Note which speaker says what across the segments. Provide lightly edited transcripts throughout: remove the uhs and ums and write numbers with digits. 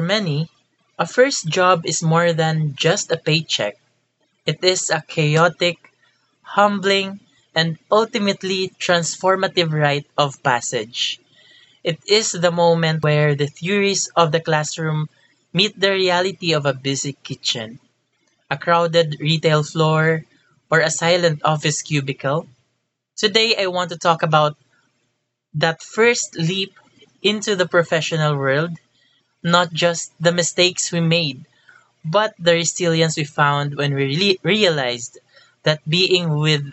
Speaker 1: Many, a first job is more than just a paycheck. It is a chaotic, humbling, and ultimately transformative rite of passage. It is the moment where the theories of the classroom meet the reality of a busy kitchen, a crowded retail floor, or a silent office cubicle. Today, I want to talk about that first leap into the professional world, not just the mistakes we made but the resilience we found when we really realized that being with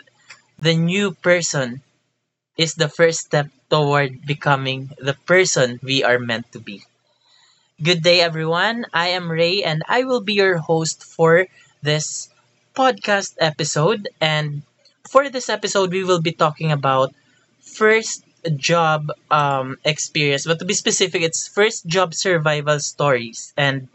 Speaker 1: the new person is the first step toward becoming the person we are meant to be. Good day, everyone. I am Ray, and I will be your host for this podcast episode. And for this episode, we will be talking about first job experience, but to be specific, it's first job survival stories. And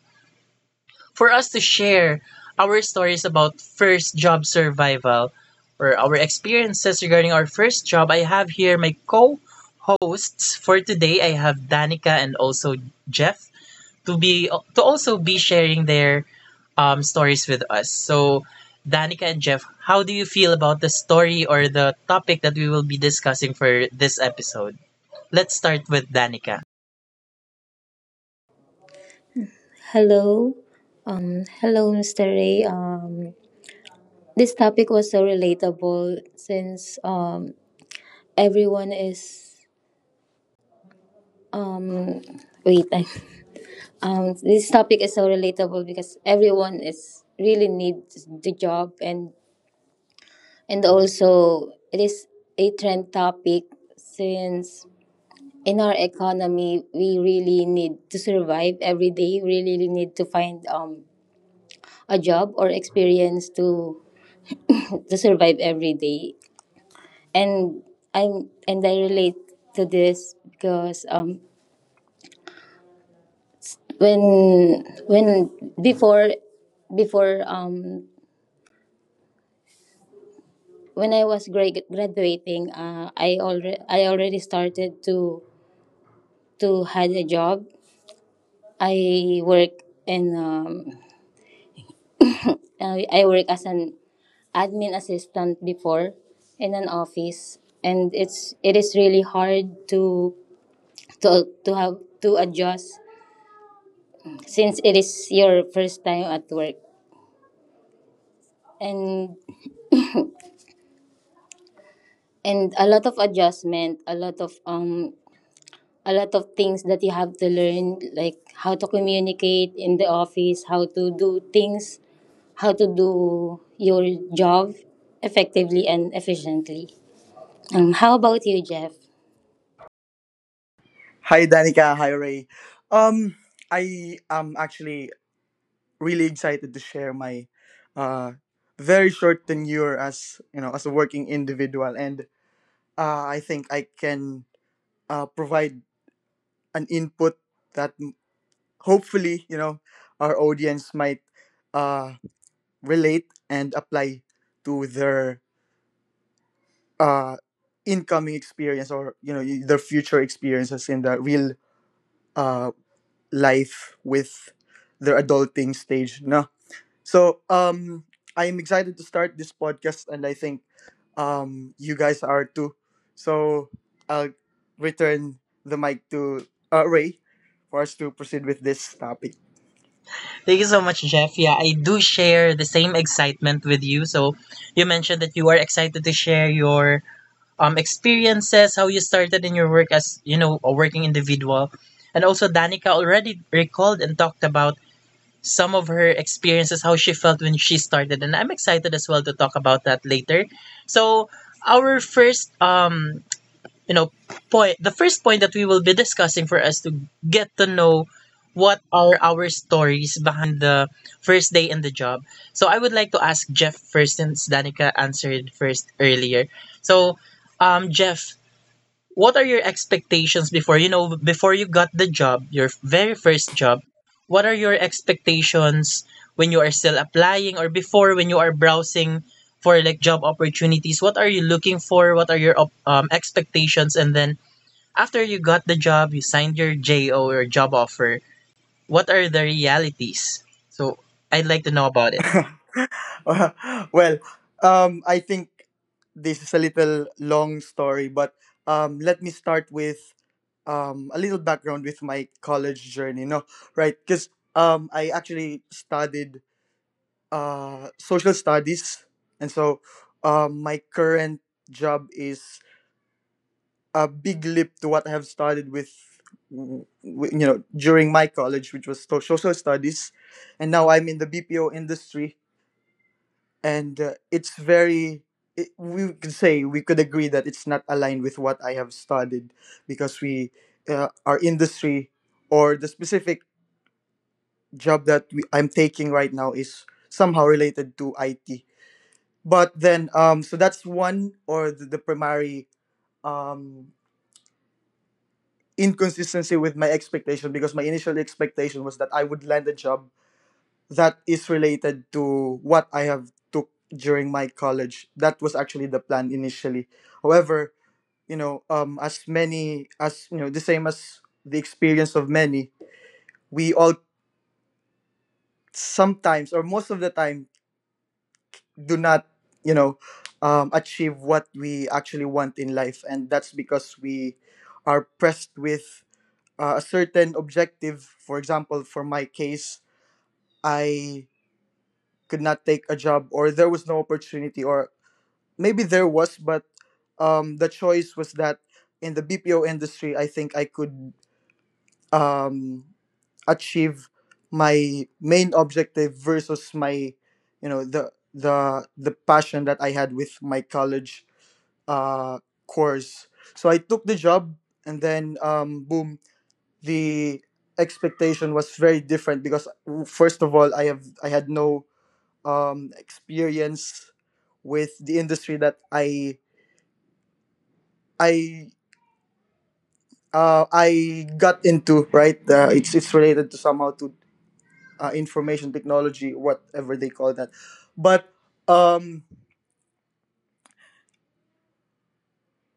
Speaker 1: for us to share our stories about first job survival or our experiences regarding our first job. I have here my co hosts for today. I have Danica and also Jeff to also be sharing their stories with us. So Danica and Jeff, how do you feel about the story or the topic that we will be discussing for this episode? Let's start with Danica.
Speaker 2: Hello. Hello, Mr. Ray. This topic was so relatable since everyone is. Um, wait, I, this topic is so relatable because everyone is really needs the job, and also it is a trend topic since in our economy we really need to survive every day. We really need to find a job or experience to survive every day. And and I relate to this because when before before when I was graduating, I already started to had a job. I work in um I work as an admin assistant before in an office, and it is really hard to have to adjust since it is your first time at work, and and a lot of adjustment, a lot of things that you have to learn, like how to communicate in the office, how to do things, how to do your job effectively and efficiently. How about you, Jeff?
Speaker 3: Hi, Danica. Hi, Ray. Um, I am actually really excited to share my uh, very short tenure as you know as a working individual, and I think I can provide an input that hopefully you know our audience might uh, relate and apply to their uh, incoming experience or you know their future experiences in the real uh, life with their adulting stage no so I am excited to start this podcast and I think you guys are too so I'll return the mic to ray for us to proceed with this topic.
Speaker 1: Thank you so much, Jeff. Yeah, I do share the same excitement with you. So you mentioned that you are excited to share your experiences, how you started in your work as a working individual, and also Danica already recalled and talked about some of her experiences, how she felt when she started, and I'm excited as well to talk about that later. So our first you know point the first point that we will be discussing for us to get to know what are our stories behind the first day in the job. So I would like to ask Jeff first, since Danica answered first earlier. So Jeff, what are your expectations before before you got the job, your very first job? What are your expectations when you are still applying, or before, when you are browsing for like job opportunities? What are you looking for? What are your expectations? And then, after you got the job, you signed your JO, or job offer, what are the realities? So I'd like to know about it.
Speaker 3: Well, I think this is a little long story, but let me start with a little background with my college journey. No, right? Because I actually studied social studies, and so my current job is a big leap to what I have started with. You know, during my college, which was social studies, and now I'm in the BPO industry, and it's very it, we could say we could agree that it's not aligned with what I have studied because we our industry or the specific job that we, I'm taking right now is somehow related to it but then so that's one or the primary um inconsistency with my expectation because my initial expectation was that I would land a job that is related to what I have took during my college. That was actually the plan initially. However, you know, as many as you know, the same as the experience of many, we all sometimes or most of the time do not, you know, achieve what we actually want in life, and that's because we are pressed with a certain objective. For example, for my case, I could not take a job or there was no opportunity or maybe there was, but the choice was that in the BPO industry, I think I could um, achieve my main objective versus my, you know, the passion that I had with my college uh, course. So I took the job, and then boom, the expectation was very different because first of all, I had no experience with the industry that I I got into, right. It's related to somehow to information technology, whatever they call that. But um,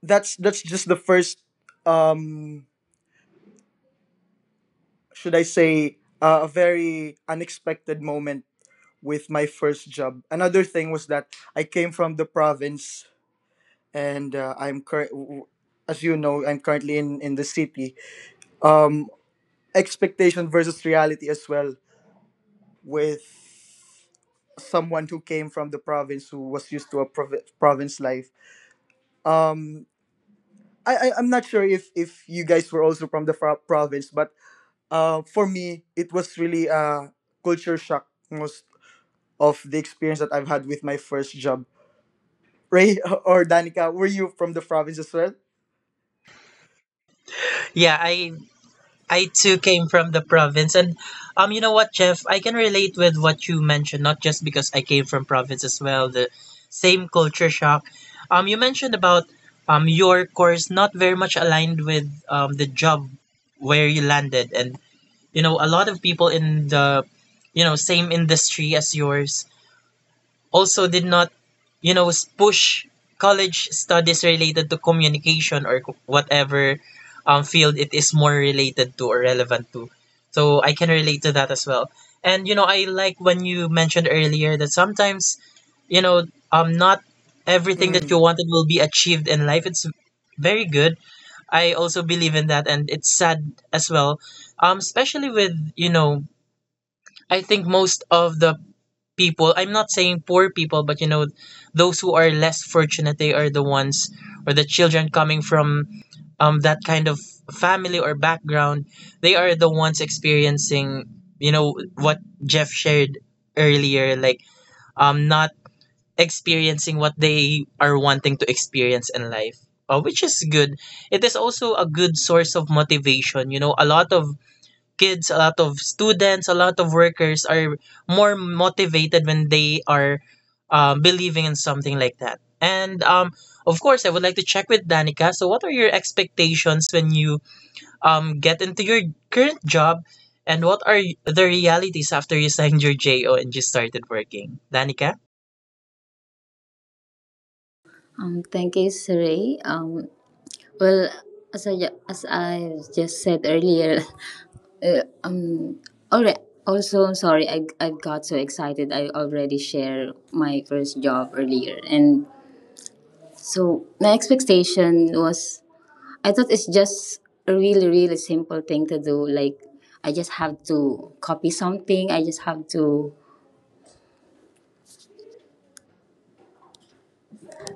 Speaker 3: that's just the first. Um, should I say a very unexpected moment with my first job. Another thing was that I came from the province, and I'm current. As you know, I'm currently in the city. Um, expectation versus reality as well with someone who came from the province who was used to a province life. Um, I'm not sure if you guys were also from the province, but for me it was really a culture shock most of the experience that I've had with my first job. Ray or Danica, were you from the province as well?
Speaker 1: Yeah, I too came from the province, and you know what, Jeff? I can relate with what you mentioned, not just because I came from province as well. The same culture shock. You mentioned about your course not very much aligned with the job where you landed, and a lot of people in the same industry as yours also did not, you know, push college studies related to communication or whatever field it is more related to or relevant to. So I can relate to that as well. I like when you mentioned earlier that sometimes, you know, not everything that you
Speaker 3: Mm.
Speaker 1: wanted will be achieved in life. It's very good. I also believe in that, and it's sad as well. Especially with I think most of the people, I'm not saying poor people, but those who are less fortunate, they are the ones, or the children coming from that kind of family or background, they are the ones experiencing what Jeff shared earlier, like not experiencing what they are wanting to experience in life, which is good. It is also a good source of motivation. A lot of kids, a lot of students, a lot of workers are more motivated when they are believing in something like that. And of course, I would like to check with Danica. So, what are your expectations when you get into your current job? And what are the realities after you signed your JO and you started working? Danica?
Speaker 2: Thank you, Siri. Well, as I just said earlier, uh, um, all right. Also, I'm sorry, I got so excited. I already shared my first job earlier. And so my expectation was, I thought it's just a really, really simple thing to do. Like, I just have to copy something. I just have to,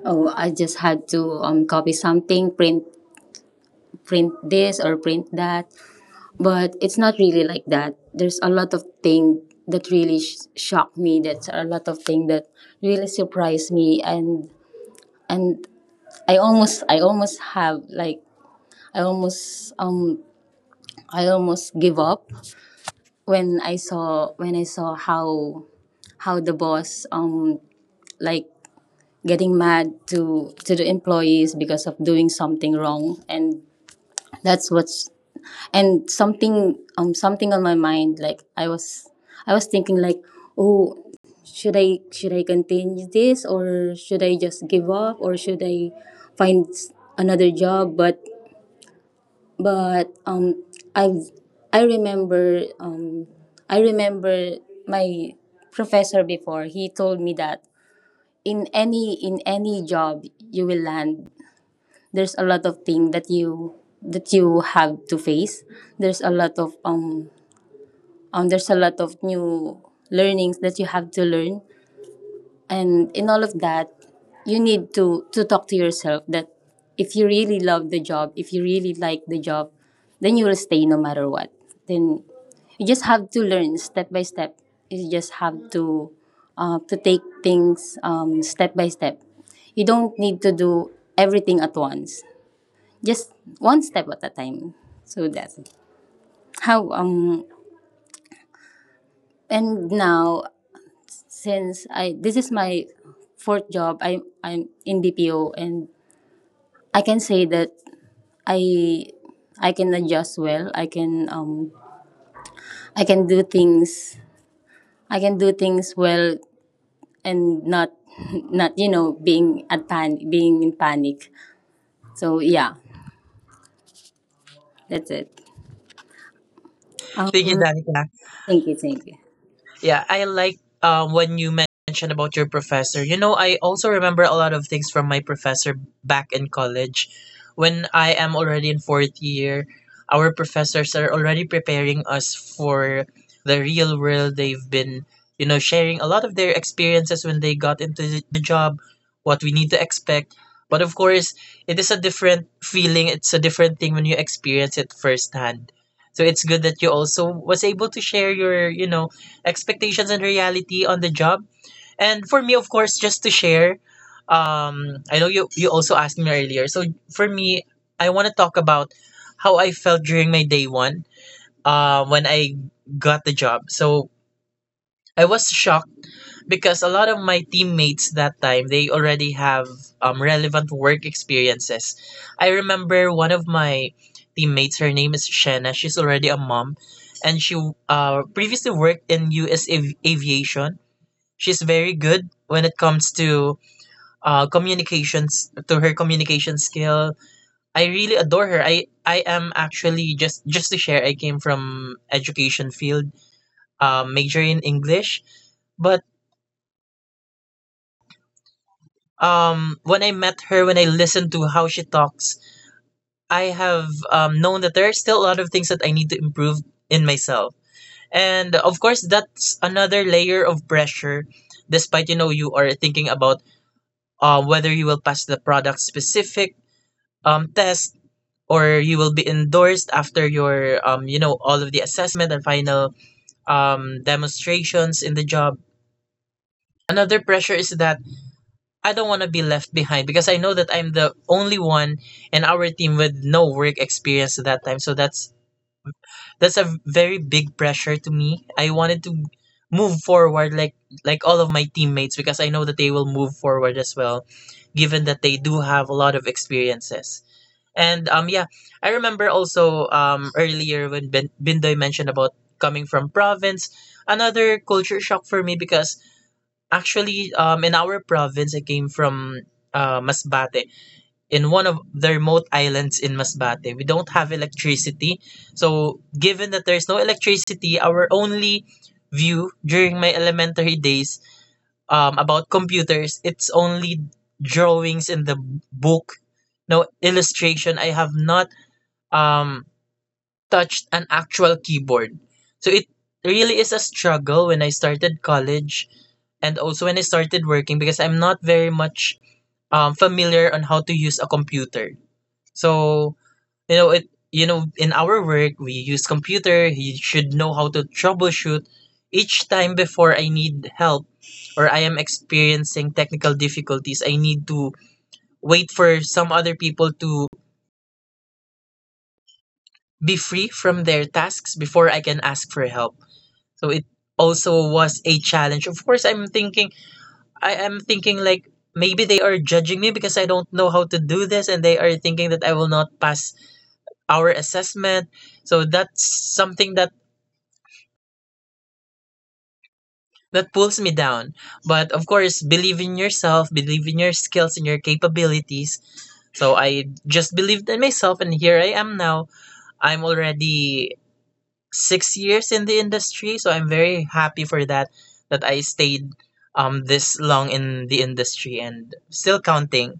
Speaker 2: oh, I just had to copy something, print this or print that, but it's not really like that. There's a lot of thing that really shocked me. That's a lot of thing that really surprised me, and I almost have like I almost um I almost give up when I saw how the boss, like, getting mad to the employees because of doing something wrong. And that's what's, and something on my mind, like, I was thinking, like, oh, should I continue this, or should I just give up, or should I find another job? But i I remember, I remember my professor before. He told me that in any job you will land, there's a lot of thing that you have to face. there's a lot of um there's a lot of new learnings that you have to learn, and in all of that, you need to talk to yourself that if you really love the job, if you really like the job, then you will stay no matter what. Then you just have to learn step by step. You just have to take things, step by step. You don't need to do everything at once. Just one step at a time. So that's how And now, since I this is my fourth job. I'm in BPO, and I can say that I I can adjust well. I can do things I can do things well, and not not, being at pan being in panic. So yeah, that's it.
Speaker 1: Thank you,
Speaker 2: Um
Speaker 1: Danica.
Speaker 2: thank you, thank you.
Speaker 1: Yeah, I like when you mentioned about your professor. I also remember a lot of things from my professor back in college. When I am already in fourth year, our professors are already preparing us for the real world. They've been, sharing a lot of their experiences when they got into the job, what we need to expect. But of course, it is a different feeling. It's a different thing when you experience it firsthand. So it's good that you also was able to share your, expectations and reality on the job. And for me, of course, just to share, I know you also asked me earlier. So for me, I want to talk about how I felt during my day one, when I got the job. So I was shocked because a lot of my teammates that time, they already have relevant work experiences. I remember one of my teammates. Her name is Shanna. She's already a mom, and she previously worked in U.S. Aviation. She's very good when it comes to communications, to her communication skill. I really adore her. I am actually, just to share, I came from education field, major in English, but when I met her, when I listened to how she talks, I have known that there are still a lot of things that I need to improve in myself. And of course, that's another layer of pressure. Despite you are thinking about whether you will pass the product specific test, or you will be endorsed after your all of the assessment and final demonstrations in the job, another pressure is that I don't want to be left behind, because I know that I'm the only one in our team with no work experience at that time. So that's a very big pressure to me. I wanted to move forward, like all of my teammates, because I know that they will move forward as well, given that they do have a lot of experiences. And yeah, I remember also earlier when Bindoy mentioned about coming from province, another culture shock for me, because actually in our province, I came from Masbate, in one of the remote islands in Masbate. We don't have electricity. So given that there's no electricity, our only view during my elementary days about computers, it's only drawings in the book, no illustration. I have not um touched an actual keyboard. So it really is a struggle when I started college and also when I started working, because I'm not very much familiar on how to use a computer. So, in our work we use computer, you should know how to troubleshoot. Each time before I need help, or I am experiencing technical difficulties, I need to wait for some other people to be free from their tasks before I can ask for help. So it also was a challenge. Of course, I am thinking like maybe they are judging me because I don't know how to do this, and they are thinking that I will not pass our assessment. So that's something that pulls me down. But of course, believe in yourself, believe in your skills and your capabilities. So I just believed in myself, and here I am now. I'm already 6 years in the industry, so I'm very happy for that I stayed this long in the industry, and still counting.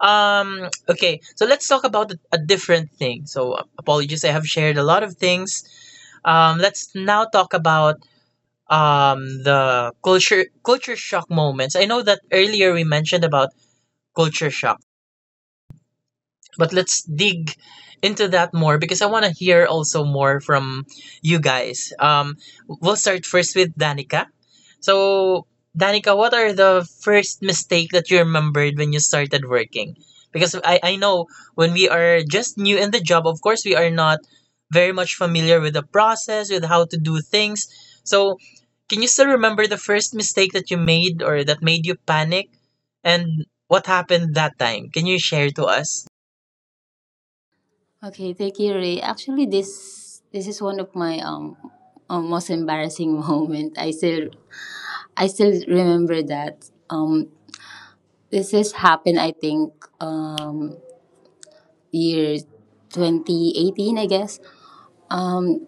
Speaker 1: Okay, so let's talk about a different thing. So apologies, I have shared a lot of things. Let's now talk about the culture shock moments. I know that earlier we mentioned about culture shock, but let's dig into that more, because I want to hear also more from you guys. We'll start first with Danica. So, Danica, what are the first mistake that you remembered when you started working? Because I know when we are just new in the job, of course, we are not very much familiar with the process, with how to do things. So, can you still remember the first mistake that you made, or that made you panic? And what happened that time? Can you share to us?
Speaker 2: Okay, thank you, Ray. Actually, this is one of my most embarrassing moment. I still remember that. This has happened, I think, um, year 2018, I guess. Um,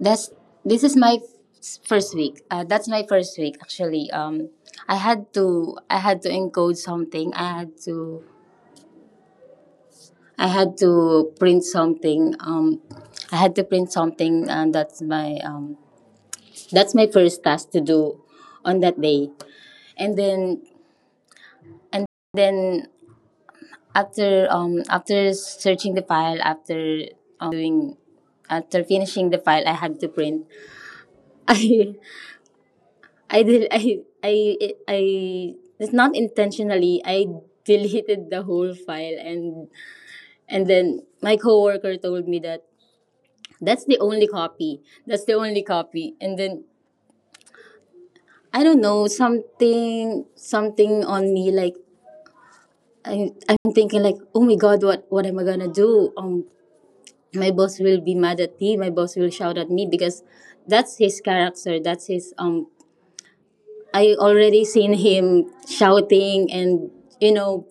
Speaker 2: that's this is my first week. That's my first week, actually. I had to encode something. I had to print something. I had to print something, and that's my first task to do on that day. And then and then, after um after searching the file after doing after finishing the file, I had to print. I I did I it's not intentionally, I deleted the whole file, and then my coworker told me that that's the only copy. And then I don't know, something on me, like, I'm thinking, like, oh my god, what am I gonna do? My boss will be mad at me, my boss will shout at me because that's his character, that's his, I already seen him shouting and, you know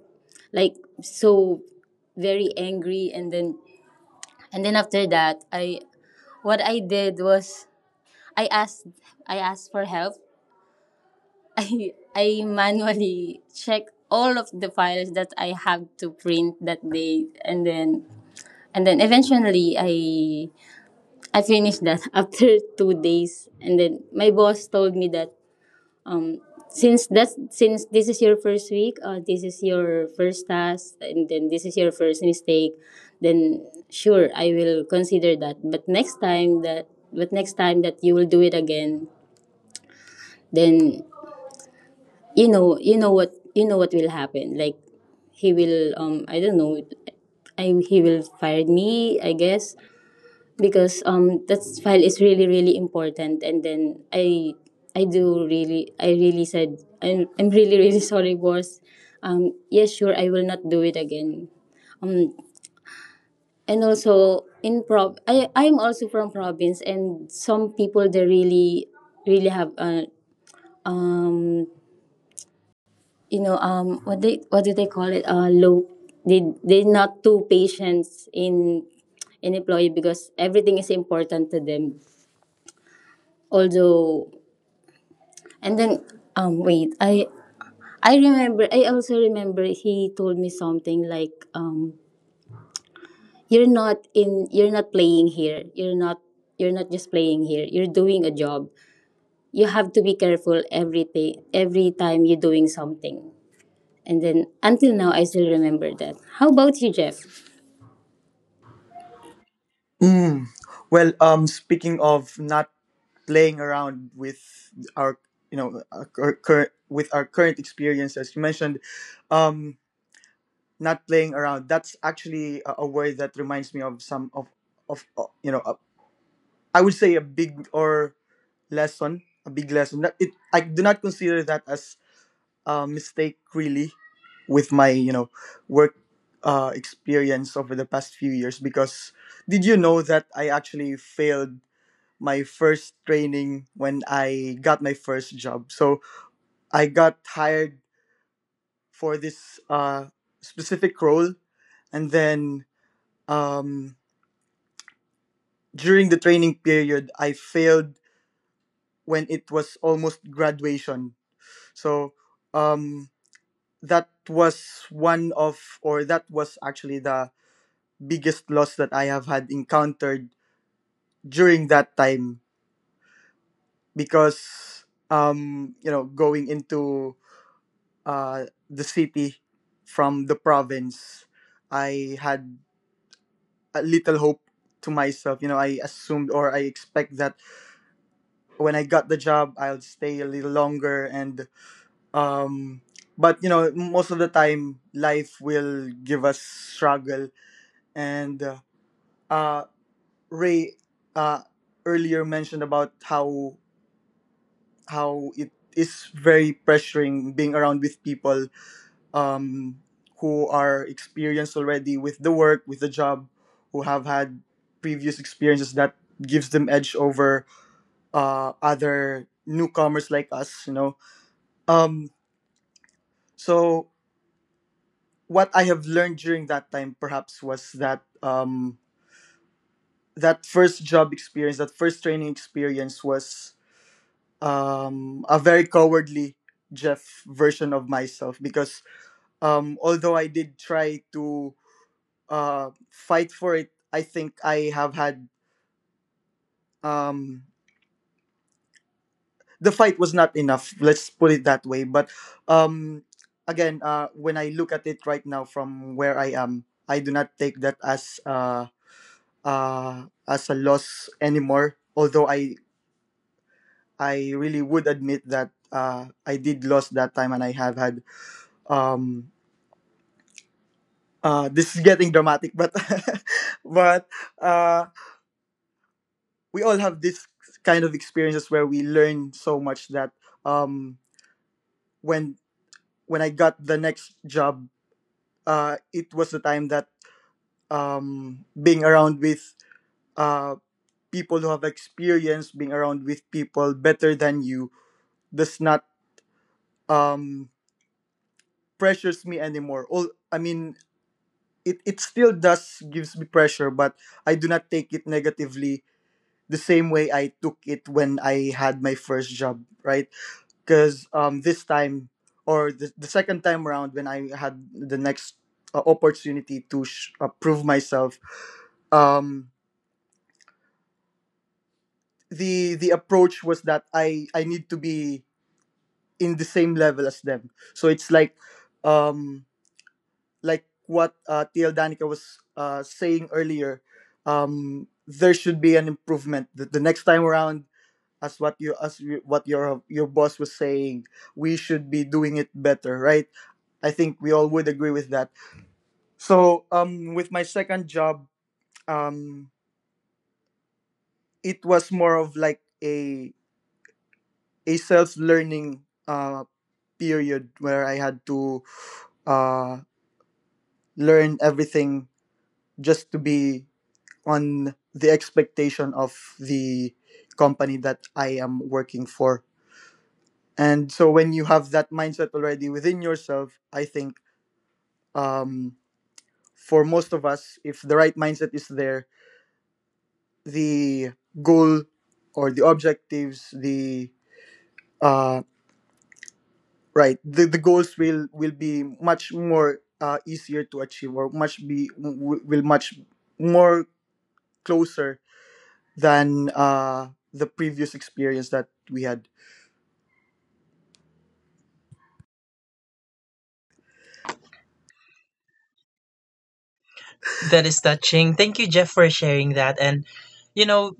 Speaker 2: like, so very angry. And then, after that, I what I did was i asked I asked for help. I manually checked all of the files that I have to print that day, and then eventually, I finished that after 2 days. And then my boss told me that, um since this is your first week, this is your first task, and then this is your first mistake, then sure, I will consider that. But next time that you will do it again, then you know what will happen. Like, he will, I don't know, I he will fire me, I guess, because, that file is really, really important. And then I really said, I'm really, really sorry, boss. Yes, sure, I will not do it again. um and also, in prov I'm also from province, and some people, they really, really have, you what do they call it, low, they're not too patient in in employee because everything is important to them, although. And then, wait, I remember. I also remember he told me something like, "You're not in. You're not playing here. You're not. You're not just playing here. You're doing a job. You have to be careful every day, every time you're doing something." And then until now, I still remember that. How about you, Jeff?
Speaker 3: Mm. Well, speaking of not playing around with our, you know, our current with our current experiences, you mentioned, um, not playing around, that's actually a word that reminds me of some of you know I would say a big or lesson a big lesson. It I do not consider that as a mistake really with my you know work experience over the past few years because did you know that I actually failed my first training when I got my first job? So I got hired for this specific role, and then um, during the training period I failed when it was almost graduation, so um that was one of or that was actually the biggest loss that I have had encountered during that time because you know going into the city from the province I had a little hope to myself, you know, I assumed or I expect that when I got the job I'll stay a little longer, and um but you know most of the time life will give us struggle, and uh, Ray uh earlier mentioned about how it is very pressuring being around with people um who are experienced already with the work, with the job, who have had previous experiences that gives them edge over other newcomers like us, you know. um so what I have learned during that time perhaps was that that first job experience, that first training experience was a very cowardly Jeff version of myself, because although I did try to fight for it, I think I have had um, the fight was not enough. Let's put it that way. But um, when I look at it right now from where I am, I do not take that as. As a loss anymore. Although I really would admit that I did lose that time, and I have had um, this is getting dramatic, but but uh, we all have this kind of experiences where we learn so much that um, when I got the next job, it was the time that being around with uh, people who have experience, being around with people better than you, does not um pressures me anymore. All I mean, it still does gives me pressure, but I do not take it negatively the same way I took it when I had my first job, right? Because this time or the second time around when I had the next opportunity to prove myself, um, the approach was that I need to be in the same level as them. So it's like um what TL Danica was saying earlier, there should be an improvement. The next time around, as what you, what your boss was saying, we should be doing it better, right? I think we all would agree with that. So, with my second job, um, it was more of like a self learning period where I had to uh learn everything just to be on the expectation of the company that I am working for. And so when you have that mindset already within yourself, I think um, for most of us, if the right mindset is there, the goal or the objectives, the uh, right, the goals will be much more easier to achieve or much will much more closer than the previous experience that we had.
Speaker 1: That is touching. Thank you, Jeff, for sharing that. And, you know,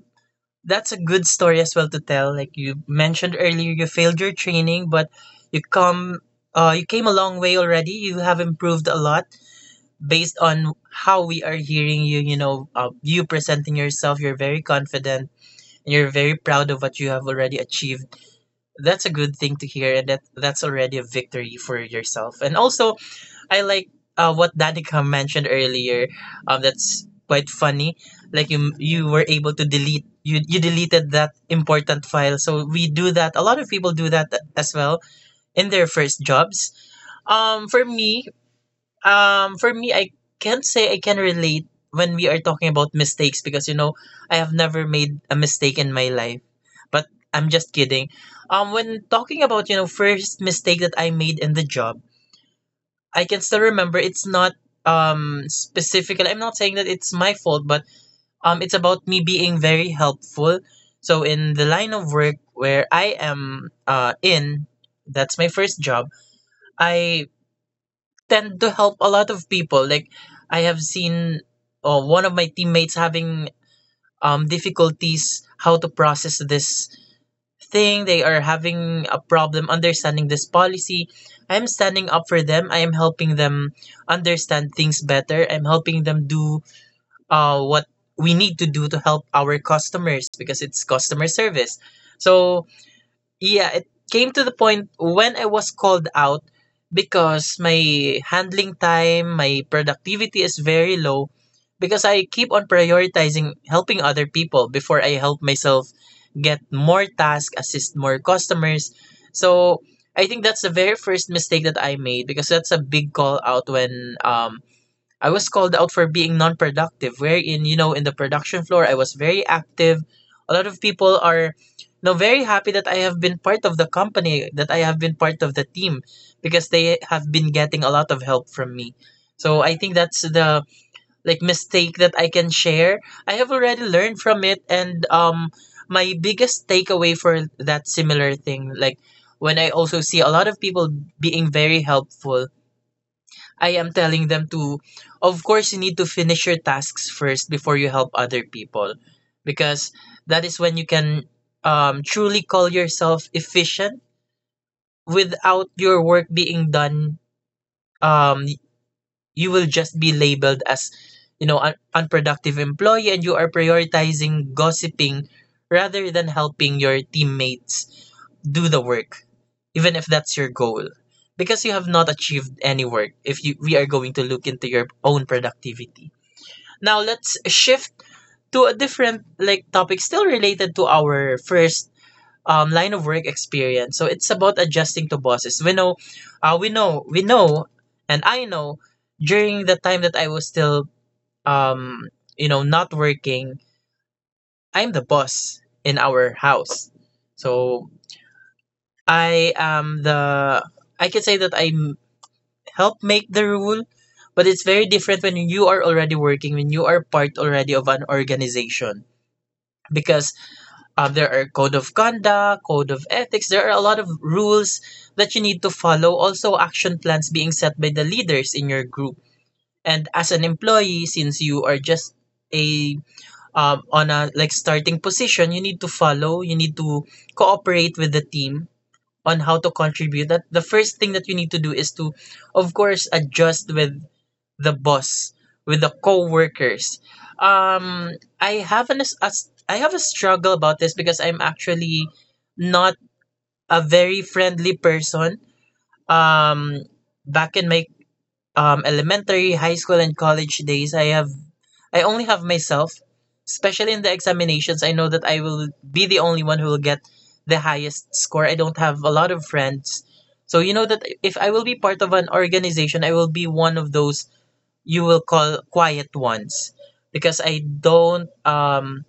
Speaker 1: that's a good story as well to tell. Like you mentioned earlier, you failed your training, but you come, you came a long way already. You have improved a lot based on how we are hearing you. You presenting yourself. You're very confident and you're very proud of what you have already achieved. That's a good thing to hear, and that's already a victory for yourself. And also, I like what Danica mentioned earlier. That's quite funny. Like you were able to delete you deleted that important file. So we do that. A lot of people do that as well in their first jobs. Um, for me, for me, I can't say I can relate when we are talking about mistakes because you know I have never made a mistake in my life. But I'm just kidding. When talking about first mistake that I made in the job, I can still remember it's not specifically, I'm not saying that it's my fault, but it's about me being very helpful. So in the line of work where I am in, that's my first job. I tend to help a lot of people. Like I have seen one of my teammates having difficulties how to process this thing. They are having a problem understanding this policy. I'm standing up for them. I am helping them understand things better. I'm helping them do what we need to do to help our customers because it's customer service. So yeah, it came to the point when I was called out because my handling time, my productivity is very low because I keep on prioritizing helping other people before I help myself get more tasks, assist more customers. So I think that's the very first mistake that I made because that's a big call out when I was called out for being non-productive, wherein, you know, in the production floor, I was very active. A lot of people are very happy that I have been part of the company, that I have been part of the team, because they have been getting a lot of help from me. So I think that's the like mistake that I can share. I have already learned from it, and my biggest takeaway for that similar thing, like when I also see a lot of people being very helpful, I am telling them to, of course, you need to finish your tasks first before you help other people. Because that is when you can truly call yourself efficient. Without your work being done, um, you will just be labeled as, you know, unproductive employee, and you are prioritizing gossiping rather than helping your teammates do the work even if that's your goal, because you have not achieved any work if you we are going to look into your own productivity. Now let's shift to a different like topic, still related to our first line of work experience. So it's about adjusting to bosses. We know we know, and I know during the time that I was still um you know not working, I'm the boss in our house. So I am the, I can say that I help make the rule, but it's very different when you are already working, when you are part already of an organization. Because there are code of conduct, code of ethics, there are a lot of rules that you need to follow. Also, action plans being set by the leaders in your group. And as an employee, since you are just a on a like starting position, you need to follow. You need to cooperate with the team on how to contribute, that the first thing that you need to do is to, of course, adjust with the boss, with the co-workers. um I have I have a struggle about this because I'm actually not a very friendly person. um Back in my elementary, high school, and college days, I have I only have myself. Especially in the examinations, I know that I will be the only one who will get the highest score. I don't have a lot of friends. So you know that if I will be part of an organization, I will be one of those you will call quiet ones because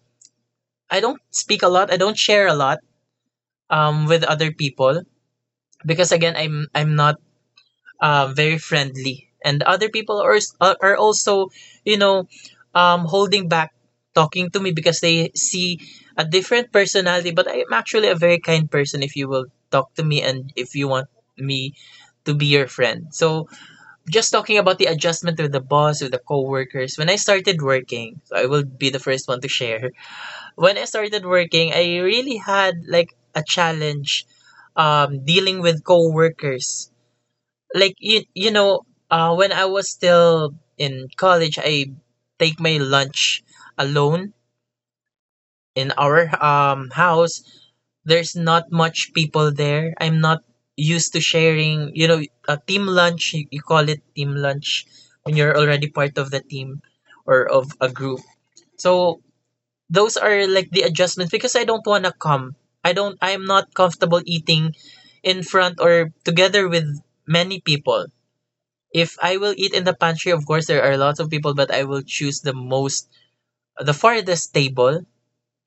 Speaker 1: I don't speak a lot. I don't share a lot with other people because again, I'm not very friendly, and other people are are also, you know, holding back talking to me because they see a different personality. But I'm actually a very kind person if you will talk to me and if you want me to be your friend. So just talking about the adjustment with the boss, with the coworkers. When I started working, so I will be the first one to share. When I started working, I really had like a challenge dealing with coworkers, like you know when I was still in college, I take my lunch alone in our house. There's not much people there. I'm not used to sharing, you know, a team lunch. You call it team lunch when you're already part of the team or of a group. So those are like the adjustments, because I don't want to come, I'm not comfortable eating in front or together with many people. If I will eat in the pantry, of course there are lots of people, but I will choose the farthest table,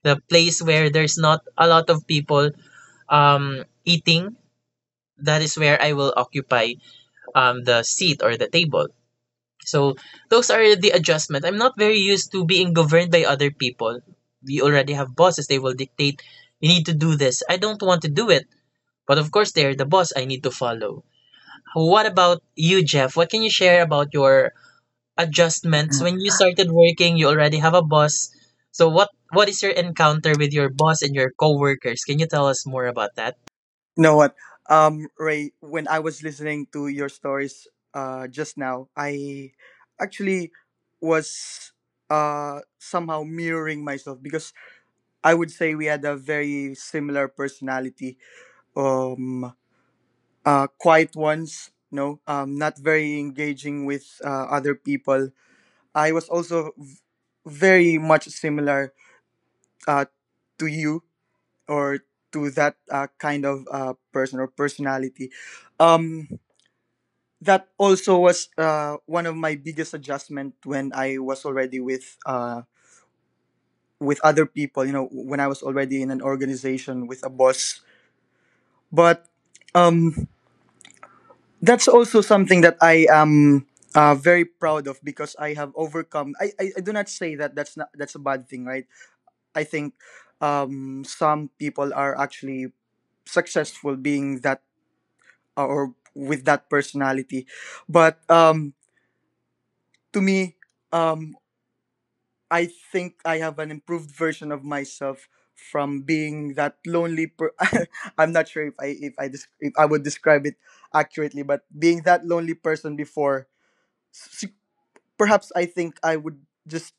Speaker 1: the place where there's not a lot of people eating. That is where I will occupy the seat or the table. So those are the adjustment. I'm not very used to being governed by other people. We already have bosses, they will dictate you need to do this. I don't want to do it, but of course they're the boss, I need to follow. What about you, Jeff? What can you share about your adjustments when you started working? You already have a boss, so what is your encounter with your boss and your coworkers? Can you tell us more about that?
Speaker 3: You know what, Ray? When I was listening to your stories just now, I actually was somehow mirroring myself because I would say we had a very similar personality. Um, quiet ones, no, not very engaging with other people. I was also very much similar uh, to you or to that kind of person or personality. Um, that also was one of my biggest adjustment when I was already with other people. You know, when I was already in an organization with a boss. But um, that's also something that I am very proud of because I have overcome. I do not say that that's not that's a bad thing, right? I think some people are actually successful being that or with that personality, but to me. Um, I think I have an improved version of myself from being that lonely I'm not sure if if I would describe it accurately, but being that lonely person before, s- perhaps I think I would just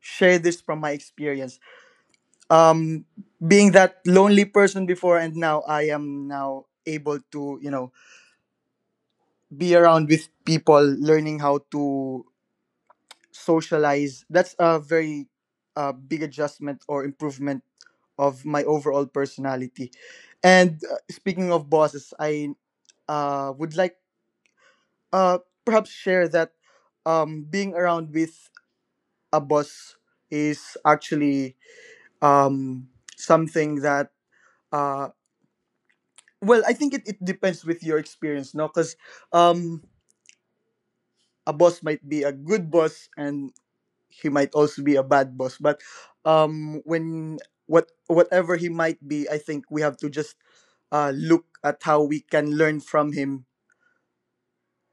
Speaker 3: share this from my experience, um being that lonely person before, and now I am now able to, be around with people, learning how to socialize. That's a very big adjustment or improvement of my overall personality. And speaking of bosses, I would like uh, perhaps share that being around with a boss is actually um, something that, uh, well, I think it depends with your experience, no, because um, a boss might be a good boss and he might also be a bad boss. But when what whatever he might be, I think we have to just look at how we can learn from him.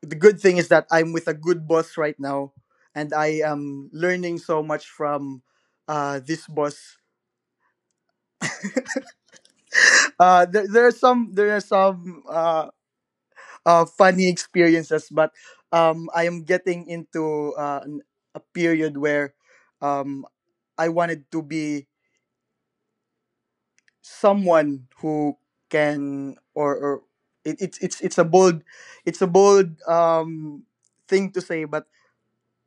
Speaker 3: The good thing is that I'm with a good boss right now, and I am learning so much from this boss. There are some there are some funny experiences. But I am getting into a period where um I wanted to be someone who can, or it, it's it's it's a bold it's a bold thing to say. But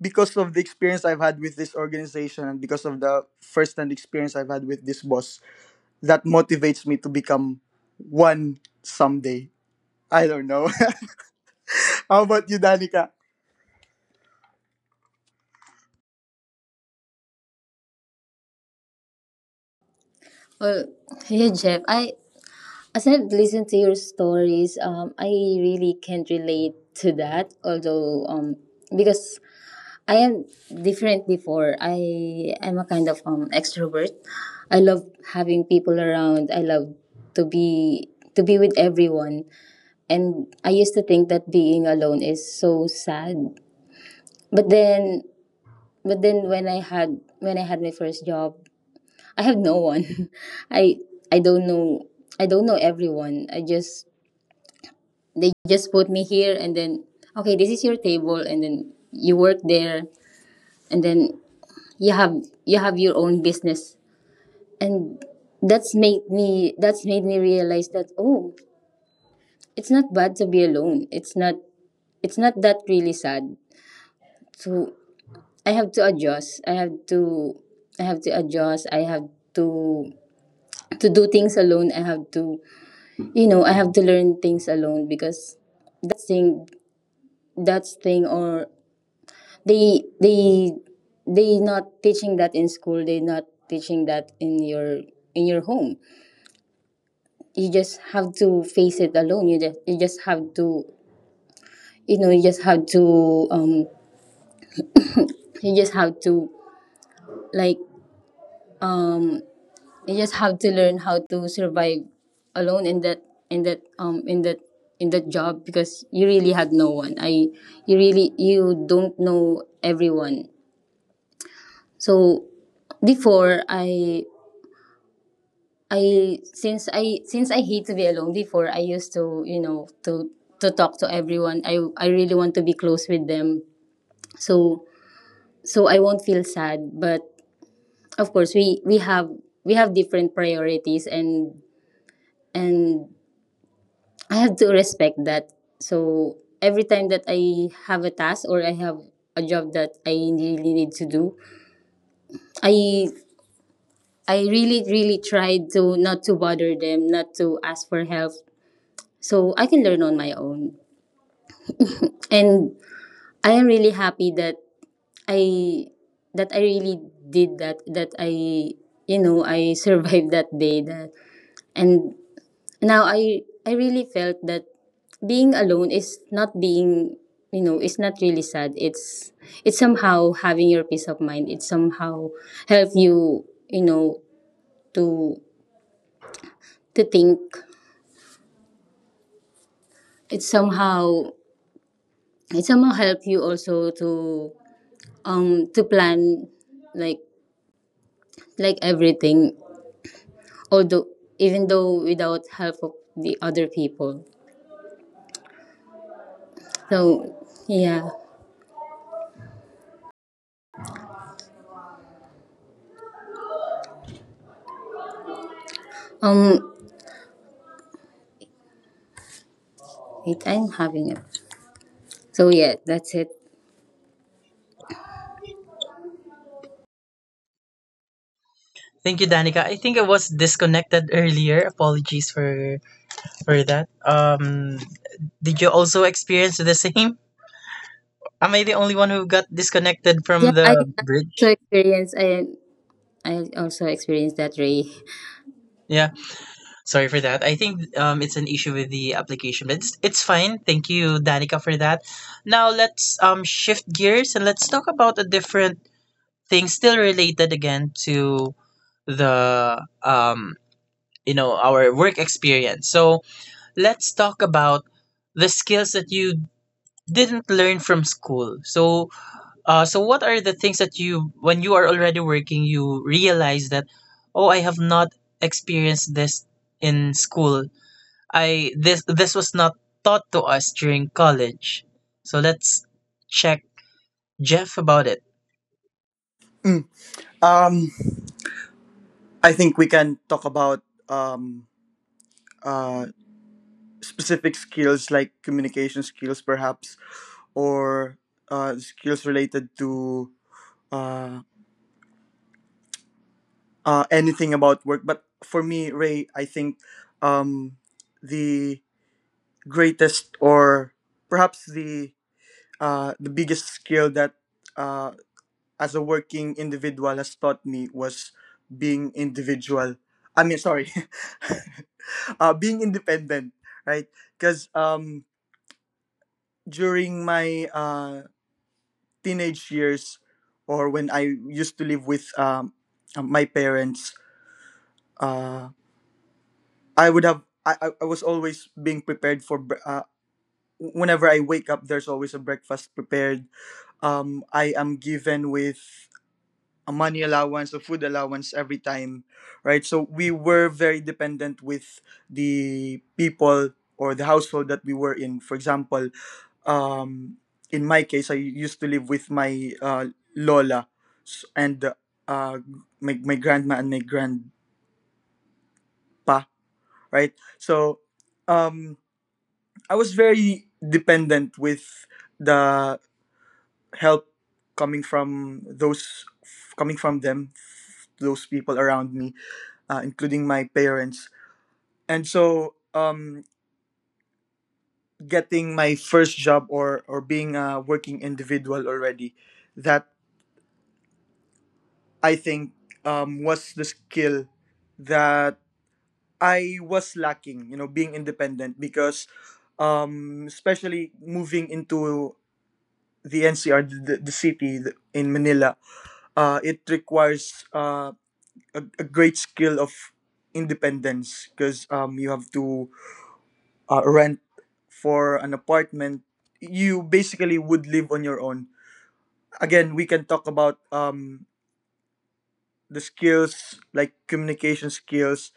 Speaker 3: because of the experience I've had with this organization, and because of the first hand experience I've had with this boss, that motivates me to become one someday. I don't know. How about you, Danica?
Speaker 2: Well, yeah, Jeff. I As I've listened to your stories, I really can't relate to that. Although, because I am different before. I am a kind of extrovert. I love having people around. I love to be to be with everyone. And I used to think that being alone is so sad. But then but then, when I had my first job, I have no one. I I don't know I don't know everyone. I just they just put me here, and then, okay, this is your table, and then you work there, and then you have you have your own business. And that's made me realize that, oh, it's not bad to be alone. It's not that really sad. So i have to adjust i have to I have to adjust, I have to to do things alone. I have to, I have to learn things alone, because that thing that thing, or they they they not teaching that in school, they not teaching that in your home. You just have to face it alone, you know you just have to um you just have to like um you just have to learn how to survive alone in that um in that in that job, because you really had no one, I you don't know everyone. So before, I since I hate to be alone before, I used to, to talk to everyone. I really want to be close with them, so so I won't feel sad. But of course, we have different priorities, and I have to respect that. So every time that I have a task, or I have a job that I really need to do, i I really, really tried to not to bother them, not to ask for help, so I can learn on my own. And I am really happy that i I really did that, that I you know I survived that day that And now, I really felt that being alone is not being, it's not really sad. It's somehow having your peace of mind. It somehow help you, you know to to think. It somehow it somehow help you also to plan, like like, everything. Although Even though, without help of the other people. So yeah. Um, wait, I'm having a So yeah, that's it.
Speaker 1: Thank you, Danica. I think I was disconnected earlier. Apologies for that. Did you also experience the same? Am I the only one who got disconnected from
Speaker 2: Yeah,
Speaker 1: the
Speaker 2: also
Speaker 1: bridge?
Speaker 2: experience I I also experienced that, Ray.
Speaker 1: Yeah, sorry for that. I think it's an issue with the application, but it's fine. Thank you, Danica, for that. Now let's shift gears and let's talk about a different thing, still related again to the you know, our work experience. So let's talk about the skills that you didn't learn from school. So, what are the things that you, when you are already working, you realize that, oh, I have not experienced this in school. I this was not taught to us during college. So let's check Jeff about it.
Speaker 3: Mm. um I think we can talk about um uh specific skills like communication skills perhaps, or skills related to uh, anything about work. But for me, Ray, I think um, the greatest, or perhaps the biggest skill that uh, as a working individual has taught me, was being individual. I mean, sorry, being independent, right? Because during my teenage years, or when I used to live with my parents, uh, I would have I was always being prepared for whenever I wake up there's always a breakfast prepared. I am given with a money allowance, a food allowance every time, right? So we were very dependent with the people or the household that we were in. For example, um, in my case, I used to live with my Lola, and uh, my grandma and my grandpa, right? So um, I was very dependent with the help coming from those coming from them those people around me, including my parents. And so getting my first job, or being a working individual already, that I think was the skill that I was lacking, being independent, because especially moving into the NCR, the city in Manila. It requires a great skill of independence, because you have to rent for an apartment. You basically would live on your own. Again, we can talk about the skills like communication skills.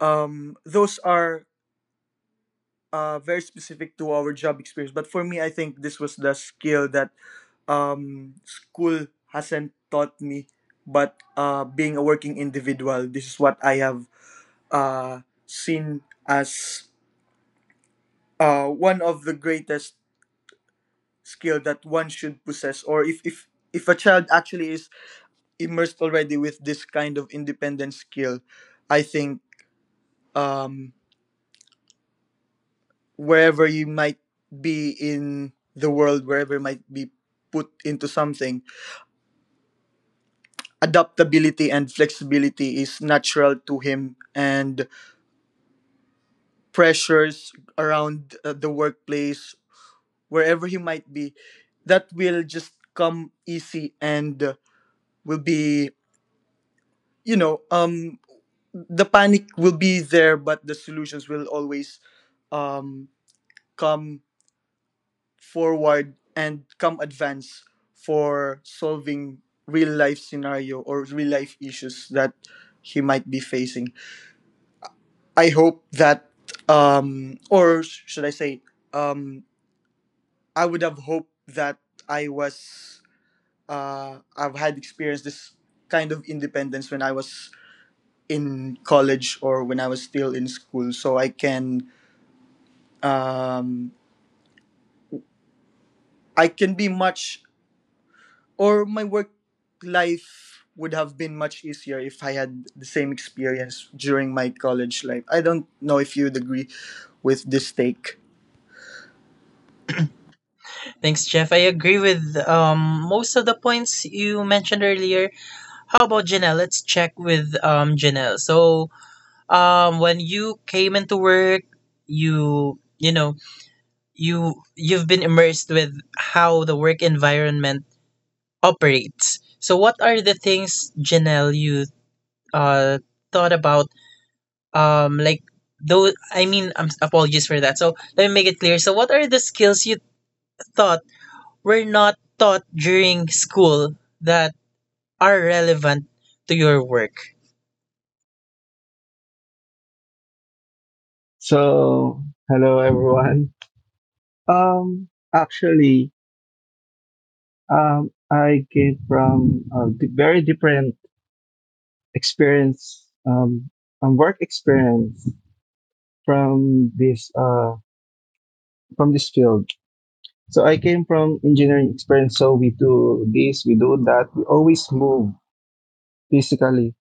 Speaker 3: Those are very specific to our job experience, but for me, I think this was the skill that school hasn't taught me. But being a working individual, this is what I have uh seen as one of the greatest skill that one should possess. Or if a child actually is immersed already with this kind of independent skill, I think um wherever you might be in the world, wherever you might be put into something, adaptability and flexibility is natural to him. And pressures around the workplace, wherever he might be, that will just come easy, and will be, you know, the panic will be there, but the solutions will always um, come forward and come advance for solving real life scenario or real life issues that he might be facing. I hope that, or should I say, um, I would have hoped that I was, I've had experienced this kind of independence when I was in college, or when I was still in school, so um, I can be much or my work life would have been much easier if I had the same experience during my college life. I don't know if you'd agree with this take.
Speaker 1: Thanks, Jeff. I agree with most of the points you mentioned earlier. How about Janelle? Let's check with Janelle. So, when you came into work, you know you you've been immersed with how the work environment operates. So, what are the things, Janelle, you uh, thought about? Like though, I mean, I apologies for that. So, let me make it clear. So, what are the skills you thought were not taught during school that are relevant to your work?
Speaker 4: So, hello everyone. Um, actually, I came from a very different experience, work experience from this, uh, from this field. So I came from engineering experience. So we do this, we do that. We always move physically.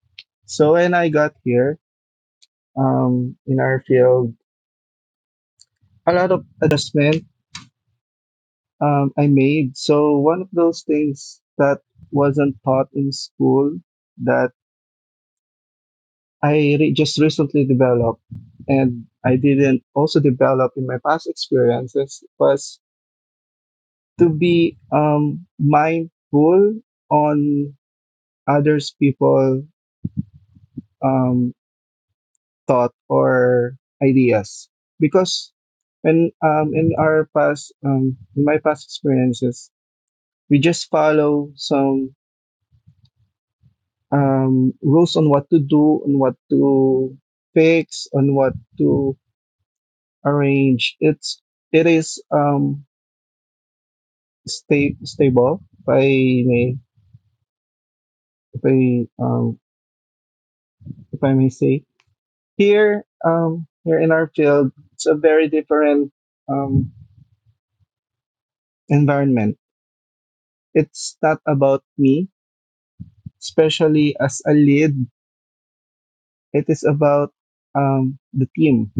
Speaker 4: So when I got here, in our field, a lot of adjustment I made. So one of those things that wasn't taught in school that I just recently developed and I didn't also develop in my past experiences was to be mindful on others people um, thought or ideas, because when in our past in my past experiences we just follow some rules on what to do, on what to fix, on what to arrange. It is stable. May, if I um, if I may say here, here in our field, it's a very different um, environment. It's not about me, especially as a lead. It is about the team,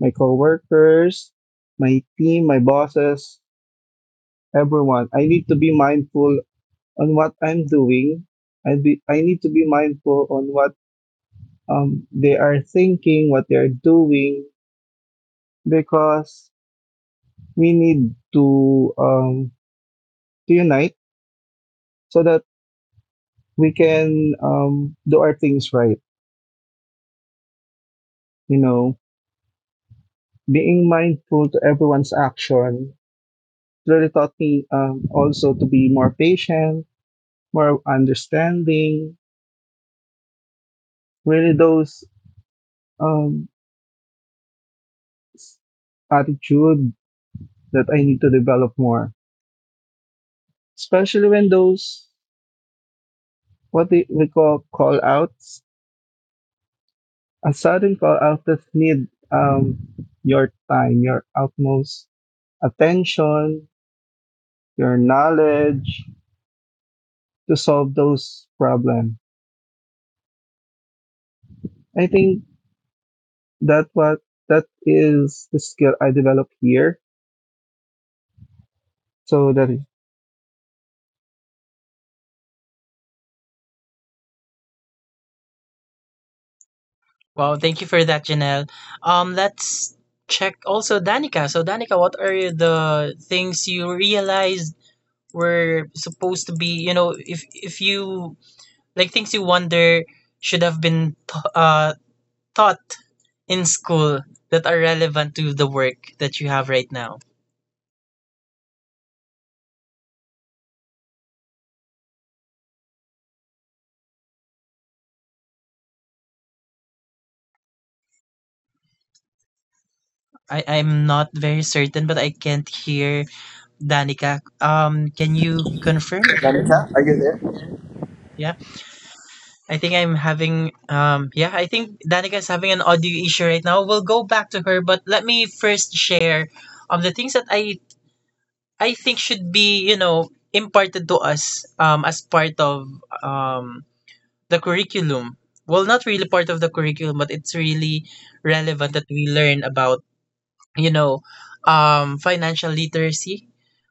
Speaker 4: my coworkers, my team, my bosses, everyone. I need to be mindful on what I'm doing. I need to be mindful on what they are thinking, what they are doing, because we need to unite so that we can do our things right. You know, being mindful to everyone's action really taught me also to be more patient, more understanding. Really, those um attitude that I need to develop more, especially when those we call outs, a sudden call out that need your time, your utmost attention, your knowledge to solve those problems. I think that what that is the skill I developed here, so that.
Speaker 1: Wow, thank you for that, Janelle. Let's check also Danica. So, Danica, what are the things you realized were supposed to be, you know, if you like things you wonder should have been taught in school that are relevant to the work that you have right now. I'm not very certain, but I can't hear Danica. Can you confirm if you can
Speaker 3: Danica, are you
Speaker 1: hear?
Speaker 3: there?
Speaker 1: Yeah, I think I'm having, yeah, I think Danica is having an audio issue right now. We'll go back to her, but let me first share the things that I think should be, you know, imparted to us as part of um, the curriculum. Well, not really part of the curriculum, but it's really relevant that we learn about, you know, financial literacy.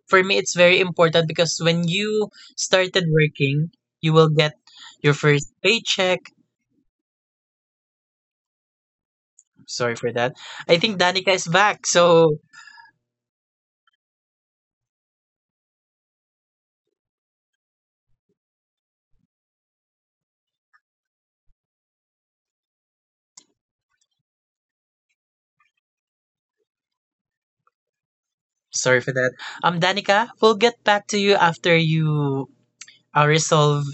Speaker 1: For me, it's very important because when you started working, you will get your first paycheck. Sorry for that, I think Danica is back. So sorry for that. Danica, we'll get back to you after you resolve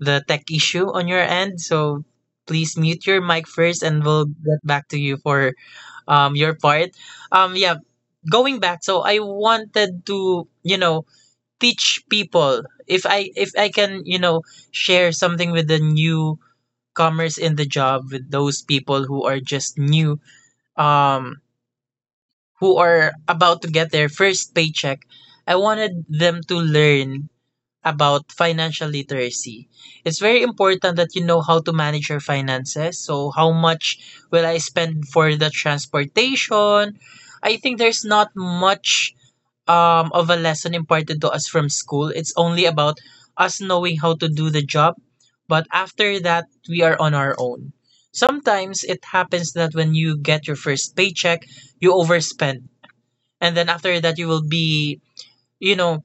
Speaker 1: the tech issue on your end, so please mute your mic first and we'll get back to you for your part. Yeah, going back, so I wanted to, you know, teach people, if I can, you know, share something with the newcomers in the job, with those people who are just new, um who are about to get their first paycheck, I wanted them to learn about financial literacy. It's very important that you know how to manage your finances. So, how much will I spend for the transportation? I think there's not much of a lesson imparted to us from school. It's only about us knowing how to do the job, but after that, we are on our own. Sometimes it happens that when you get your first paycheck, you overspend. And then after that, you will be, you know,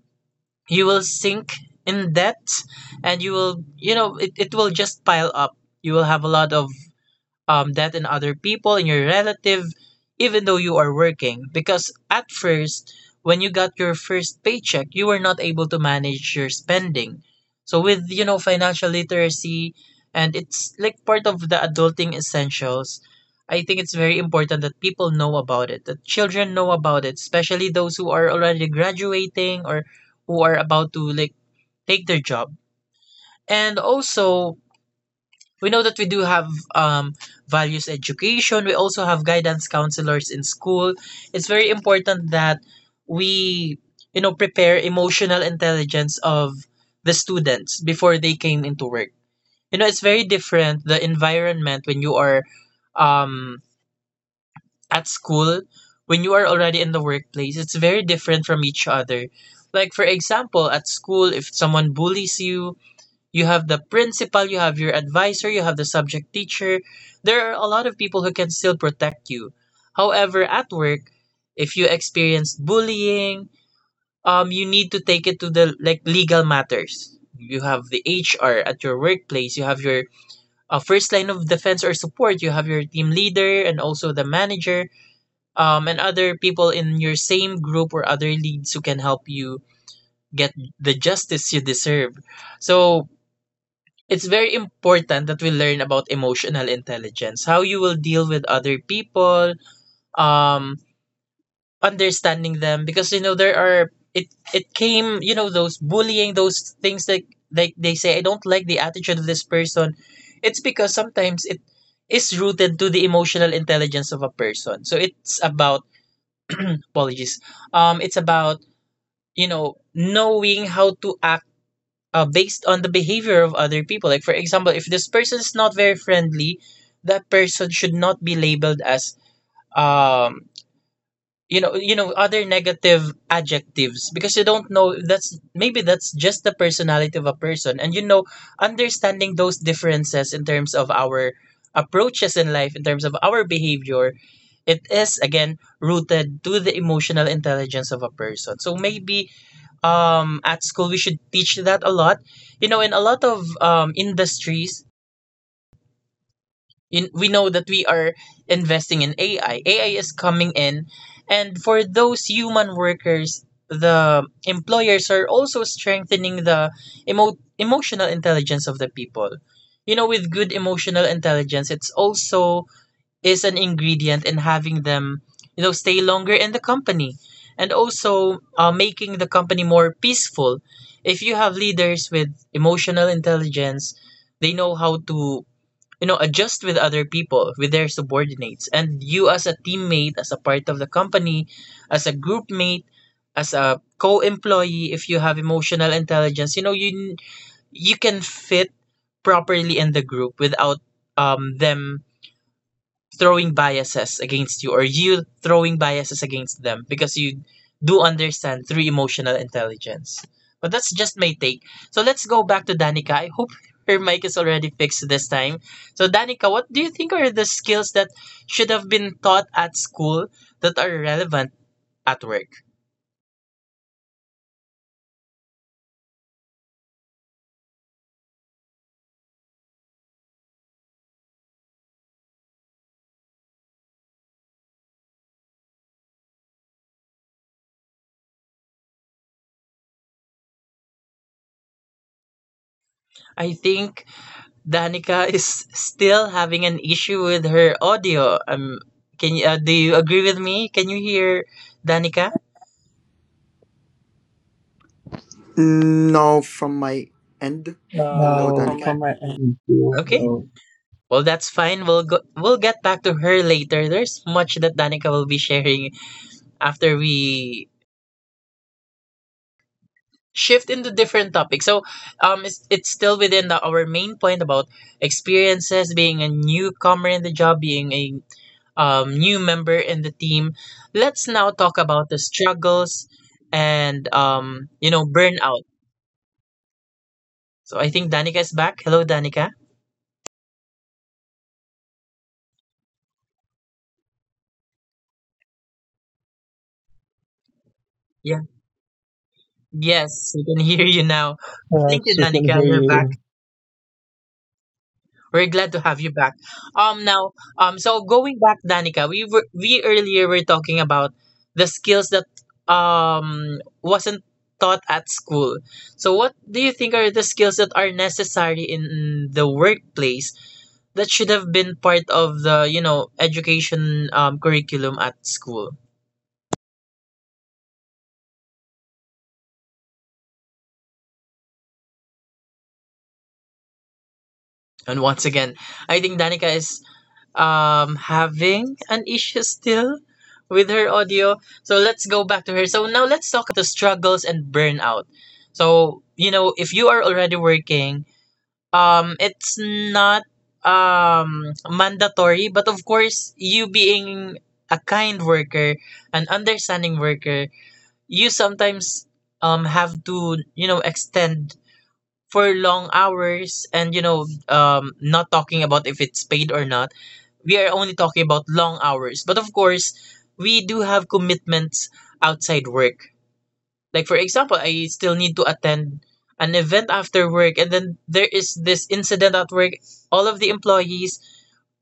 Speaker 1: you will sink in debt and you will, you know, it will just pile up. You will have a lot of that in other people in your relative, even though you are working. Because at first, when you got your first paycheck, you were not able to manage your spending. So with you know financial literacy, and it's like part of the adulting essentials. I think it's very important that people know about it, that children know about it, especially those who are already graduating or who are about to like take their job. And also, we know that we do have um, values education. We also have guidance counselors in school. It's very important that we you know prepare emotional intelligence of the students before they came into work. You know, it's very different, the environment when you are um, at school, when you are already in the workplace. It's very different from each other. Like for example, at school, if someone bullies you, you have the principal, you have your advisor, you have the subject teacher. There are a lot of people who can still protect you. However, at work, if you experience bullying, you need to take it to the like legal matters. You have the HR at your workplace. You have your first line of defense or support. You have your team leader and also the manager, and other people in your same group or other leads who can help you get the justice you deserve. So it's very important that we learn about emotional intelligence, how you will deal with other people, um understanding them. Because you know there are, it came, you know, those bullying, those things that like they say, I don't like the attitude of this person. It's because sometimes it is rooted to the emotional intelligence of a person. So it's about apologies. It's about you know knowing how to act based on the behavior of other people. Like, for example, if this person is not very friendly, that person should not be labeled as um you know, you know, other negative adjectives, because you don't know, that's maybe that's just the personality of a person. And you know, understanding those differences in terms of our approaches in life, in terms of our behavior, it is again rooted to the emotional intelligence of a person. So maybe at school we should teach that a lot. You know, in a lot of industries in, we know that we are investing in AI. AI is coming in, and for those human workers, the employers are also strengthening the emotional intelligence of the people. You know, with good emotional intelligence, it's also is an ingredient in having them, you know, stay longer in the company and also making the company more peaceful. If you have leaders with emotional intelligence, they know how to, you know, adjust with other people, with their subordinates. And you, as a teammate, as a part of the company, as a group mate, as a co-employee, if you have emotional intelligence, you know, you can fit properly in the group without them throwing biases against you, or you throwing biases against them, because you do understand through emotional intelligence. But that's just my take. So let's go back to Danica. I hope her mic is already fixed this time. So Danica, what do you think are the skills that should have been taught at school that are relevant at work? I think Danica is still having an issue with her audio. Can you do you agree with me? Can you hear Danica?
Speaker 3: No, from my end. Hello. No, from
Speaker 4: No,
Speaker 3: Danica. My
Speaker 4: from my end, too.
Speaker 1: Okay.
Speaker 4: No,
Speaker 1: Well, that's fine. We'll get back to her later. There's much that Danica will be sharing after we shift into different topics. So, it's still within the, our main point about experiences, being a newcomer in the job, being a new member in the team. Let's now talk about the struggles and you know, burnout. So I think Danica is back. Hello, Danica. Yeah. Yes, we can hear you now. Thank you,
Speaker 4: so can
Speaker 1: Danica.
Speaker 4: hear
Speaker 1: You're
Speaker 4: you.
Speaker 1: back. We're glad to have you back. Now, so going back, Danica, we earlier were talking about the skills that wasn't taught at school. So, what do you think are the skills that are necessary in the workplace that should have been part of the you know education curriculum at school? And once again, I think Danica is having an issue still with her audio. So let's go back to her. So now let's talk about the struggles and burnout. So, you know, if you are already working, it's not mandatory, but of course, you being a kind worker, an understanding worker, you sometimes have to, you know, extend for long hours. And you know, not talking about if it's paid or not, we are only talking about long hours. But of course, we do have commitments outside work. Like for example, I still need to attend an event after work, and then there is this incident at work. All of the employees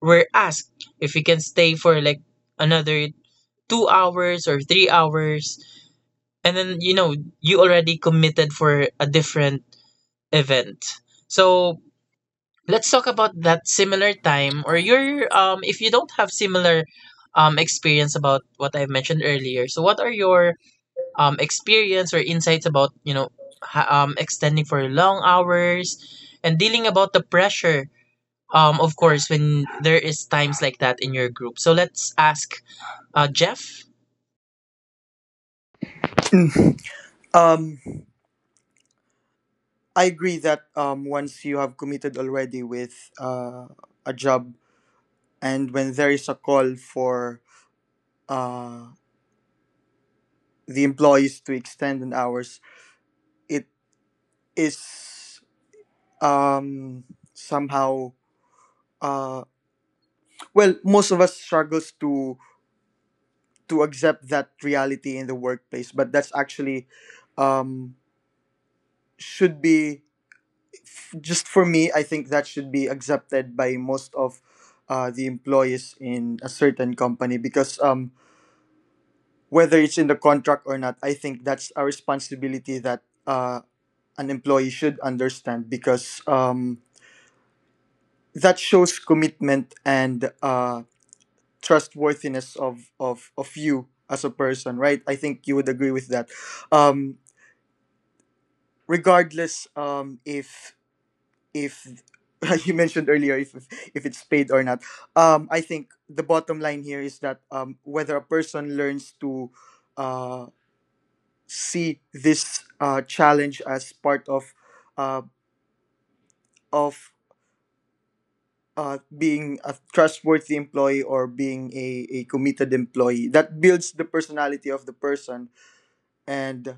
Speaker 1: were asked if we can stay for like another 2 hours or 3 hours, and then you know, you already committed for a different event. So let's talk about that similar time, or your if you don't have similar experience about what I've mentioned earlier. So what are your experience or insights about, you know, extending for long hours and dealing about the pressure of course when there is times like that in your group. So let's ask Jeff,
Speaker 3: end. Mm. um, I agree that once you have committed already with a job, and when there is a call for uh, the employees to extend an hours, it is. um Somehow, uh well, most of us struggles to accept that reality in the workplace. But that's actually, um should be, just for me, I think that should be accepted by most of the employees in a certain company, because whether it's in the contract or not, I think that's a responsibility that an employee should understand, because that shows commitment and trustworthiness of you as a person, right? I think you would agree with that. um Regardless, if if you mentioned earlier, if it's paid or not, I think the bottom line here is that whether a person learns to uh see this challenge as part of, uh of being a trustworthy employee, or being a committed employee, that builds the personality of the person. And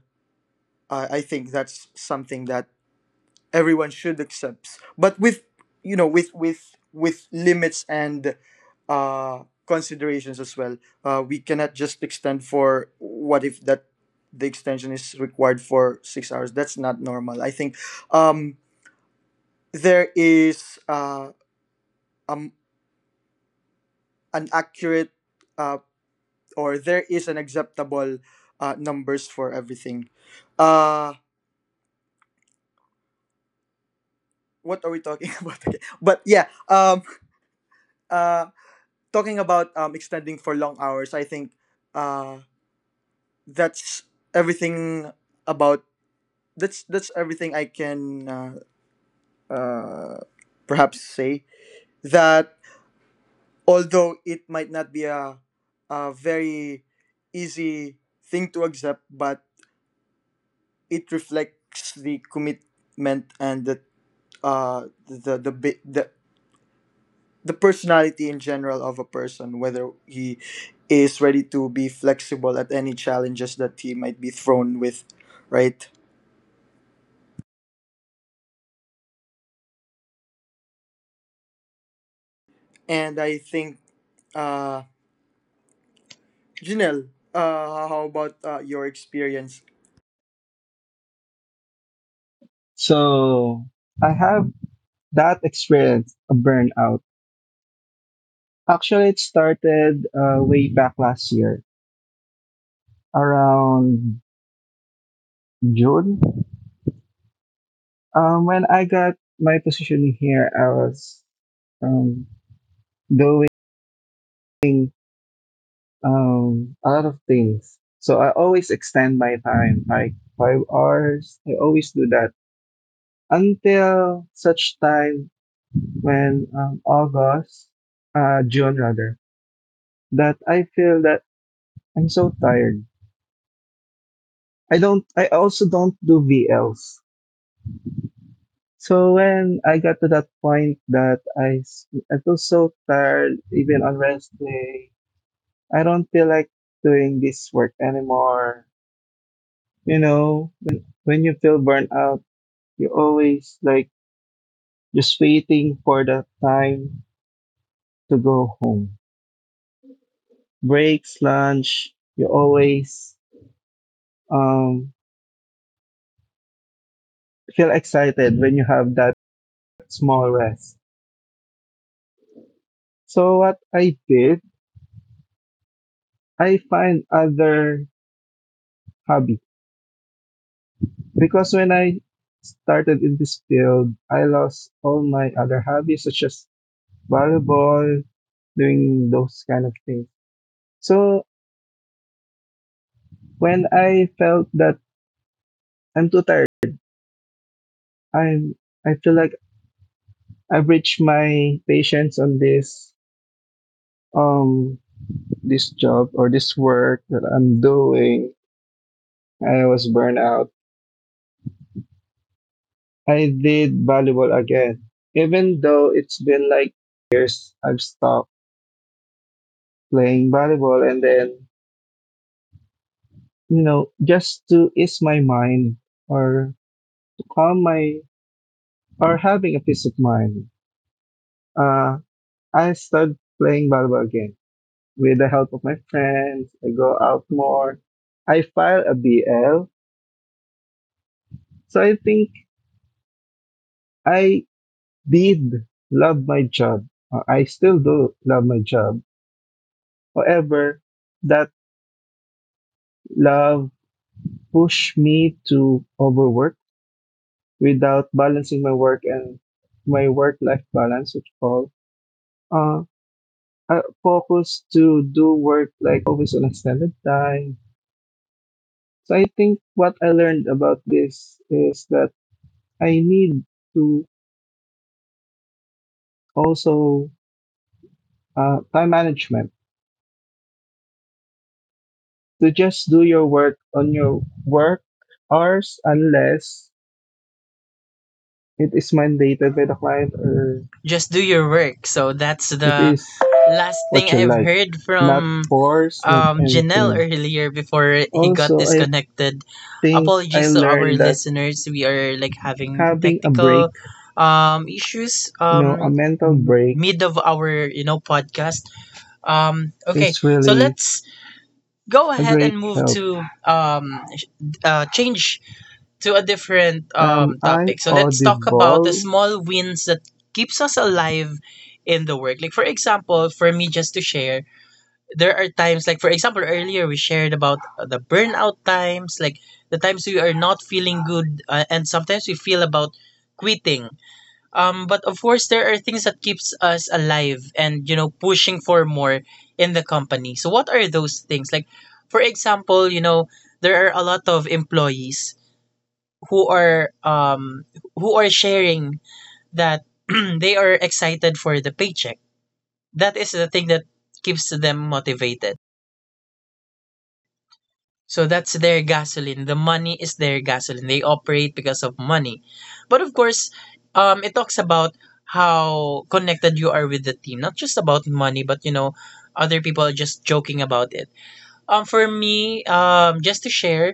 Speaker 3: I think that's something that everyone should accept, but with, with limits and uh, considerations as well. We cannot just extend for. What if that the extension is required for 6 hours? That's not normal. I think um, there is um, an accurate, uh, or there is an acceptable numbers for everything. Uh, what are we talking about again? But yeah, uh, talking about extending for long hours, I think uh, that's everything about that's everything I can uh, perhaps say. That although it might not be a very easy thing to accept, but it reflects the commitment and the uh, the the, the, the the personality in general of a person, whether he is ready to be flexible at any challenges that he might be thrown with, right? And I think, uh, Janelle, how about your experience?
Speaker 4: So I have that experience, a burnout. Actually, it started way back last year, around June. When I got my position here, I was um, doing a lot of things. So I always extend my time, like 5 hours. I always do that until such time when June rather, that I feel that I'm so tired. I also don't do VLs. So when I got to that point that I feel so tired, even on rest day, I don't feel like doing this work anymore. You know, when you feel burnt out, you always like just waiting for the time to go home. Breaks, lunch, you always, um, feel excited when you have that small rest. So what I did, I find other hobby, because when I started in this field, I lost all my other hobbies such as volleyball, doing those kind of things. So when I felt that I'm too tired, I'm I feel like I've reached my patience on um this job or this work that I'm doing. I was burned out. I did volleyball again, even though it's been like years I've stopped playing volleyball. And then, you know, just to ease my mind or to calm my or having a peace of mind, Uh I started playing volleyball again with the help of my friends. I go out more. I file a BL. So I think I did love my job. I still do love my job. However, that love pushed me to overwork without balancing my work and my work-life balance, which called. Uh, I focus to do work like always on extended time. So I think what I learned about this is that I need to also time management to just do your work on your work hours unless it is mandated by the client or
Speaker 1: just do your work. So that's
Speaker 4: it
Speaker 1: the
Speaker 4: is
Speaker 1: last thing
Speaker 4: what you
Speaker 1: I've
Speaker 4: like.
Speaker 1: heard
Speaker 4: Not
Speaker 1: from
Speaker 4: force, not
Speaker 1: Janelle
Speaker 4: anything.
Speaker 1: earlier before he got
Speaker 4: Also, I
Speaker 1: disconnected.
Speaker 4: think I
Speaker 1: Apologies to our
Speaker 4: learned that
Speaker 1: listeners. We are like having
Speaker 4: having a break,
Speaker 1: technical issues
Speaker 4: you know, a mental break
Speaker 1: mid of our you know podcast. Okay,
Speaker 4: is
Speaker 1: so
Speaker 4: really
Speaker 1: let's go
Speaker 4: a
Speaker 1: ahead
Speaker 4: great
Speaker 1: and move
Speaker 4: help.
Speaker 1: to change to a different
Speaker 4: I
Speaker 1: topic. So let's talk about the
Speaker 4: audible
Speaker 1: small wins that keeps us alive in the work. Like for example, for me just to share, there are times, like for example earlier we shared about the burnout times, like the times we are not feeling good, and sometimes we feel about quitting, but of course there are things that keeps us alive and you know pushing for more in the company. So what are those things, like for example, you know, there are a lot of employees who are um who are sharing that they are excited for the paycheck. That is the thing that keeps them motivated. So that's their gasoline. The money is their gasoline. They operate because of money. But of course, it talks about how connected you are with the team, not just about money, but you know, other people are just joking about it. For me, just to share,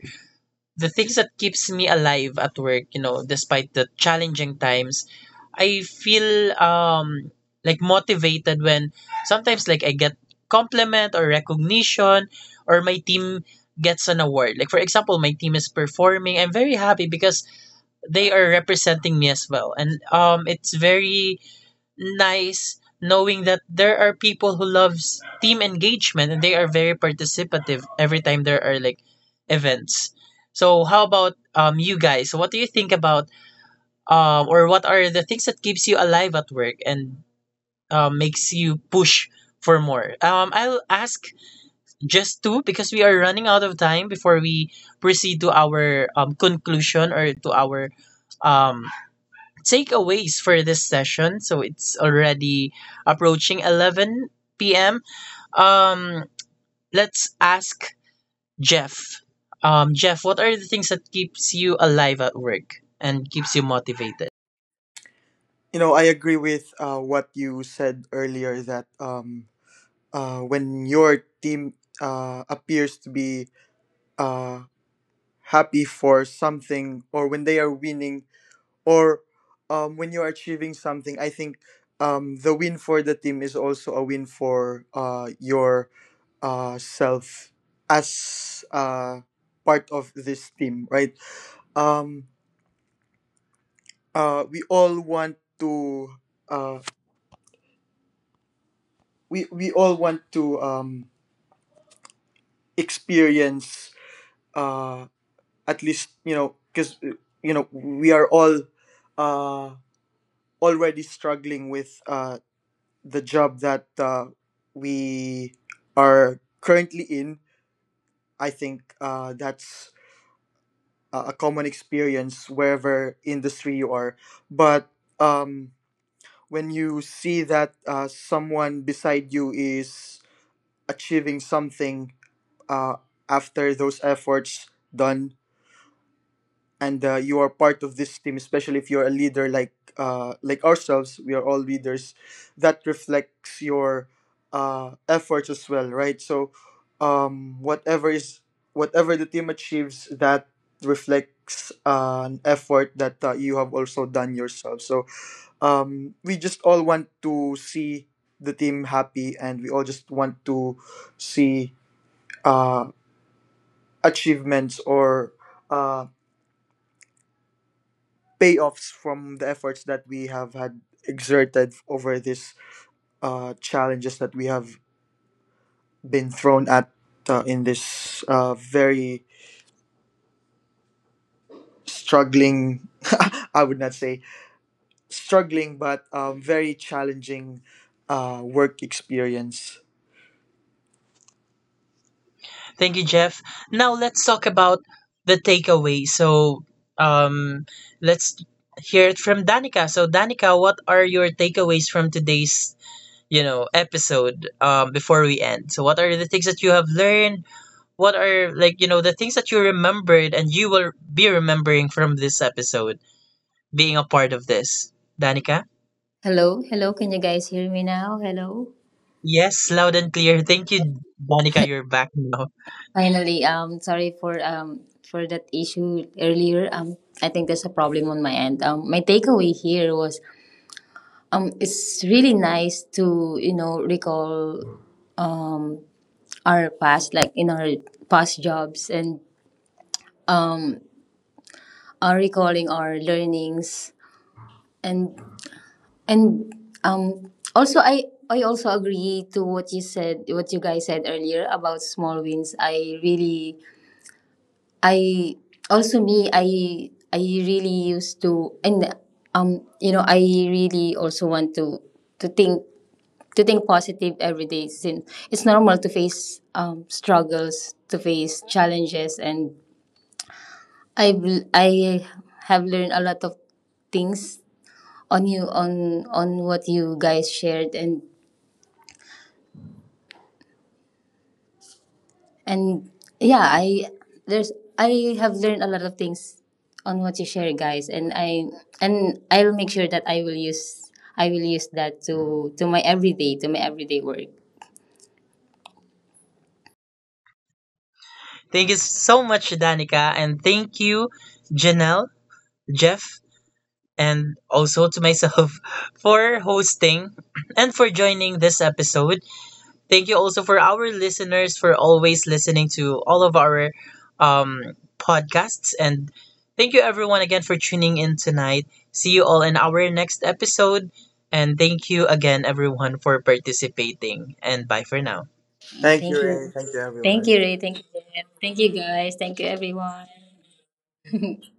Speaker 1: the things that keeps me alive at work, you know, despite the challenging times, I feel like motivated when sometimes like I get compliment or recognition or my team gets an award. Like for example, my team is performing. I'm very happy because they are representing me as well. And it's very nice knowing that there are people who loves team engagement and they are very participative every time there are like events. So how about you guys? What do you think about or what are the things that keeps you alive at work and makes you push for more? I'll ask just two because we are running out of time before we proceed to our conclusion or to our um takeaways for this session. So it's already approaching 11 p.m. Um, let's ask Jeff. Jeff, what are the things that keeps you alive at work and keeps you motivated?
Speaker 3: You know, I agree with what you said earlier, that when your team appears to be uh, happy for something, or when they are winning, or when you're achieving something, I think the win for the team is also a win for your self as part of this team, right? Um, uh, we all want to uh, we all want to experience uh, at least, because we are all uh, already struggling with the job that we are currently in. I think that's a common experience wherever industry you are. But um, when you see that someone beside you is achieving something uh, after those efforts done, and you are part of this team, especially if you're a leader, like ourselves, we are all leaders. That reflects your efforts as well, right? So um, whatever is whatever the team achieves, that reflects an effort that you have also done yourself. So we just all want to see the team happy, and we all just want to see uh, achievements or uh, payoffs from the efforts that we have had exerted over this challenges that we have been thrown at in this very struggling I would not say struggling, but very challenging work experience.
Speaker 1: Thank you, Jeff. Now let's talk about the takeaway. So um, let's hear it from Danica. So Danica, what are your takeaways from today's you know episode before we end? So what are the things that you have learned? What are like you know the things that you remembered and you will be remembering from this episode being a part of this, Danica?
Speaker 2: Hello, hello. Can you guys hear me now? Hello.
Speaker 1: Yes, loud and clear. Thank you, Danica. You're back now.
Speaker 2: Finally, sorry for that issue earlier. I think there's a problem on my end. My takeaway here was, it's really nice to, recall, um our past, like, in our past jobs, and, um, are recalling our learnings, and, and also I also agree to what you said, what you guys said earlier about small wins. I really I also me I really used to, and, I really also want to think to think positive every day, since it's normal to face, struggles, to face challenges. And I I have learned a lot of things on what you guys shared. And yeah, there's I have learned a lot of things on what you share, guys. And I'll make sure that I will use that to my everyday work.
Speaker 1: Thank you so much, Danica, and thank you, Janelle, Jeff, and also to myself for hosting and for joining this episode. Thank you also for our listeners for always listening to all of our podcasts. And thank you everyone again for tuning in tonight. See you all in our next episode. And thank you again, everyone, for participating. And bye for now.
Speaker 2: And
Speaker 3: Thank you, Ray. Thank you
Speaker 2: Thank
Speaker 3: everyone.
Speaker 2: you, Ray. Thank you, Jeff. Thank you, guys. Thank you, everyone.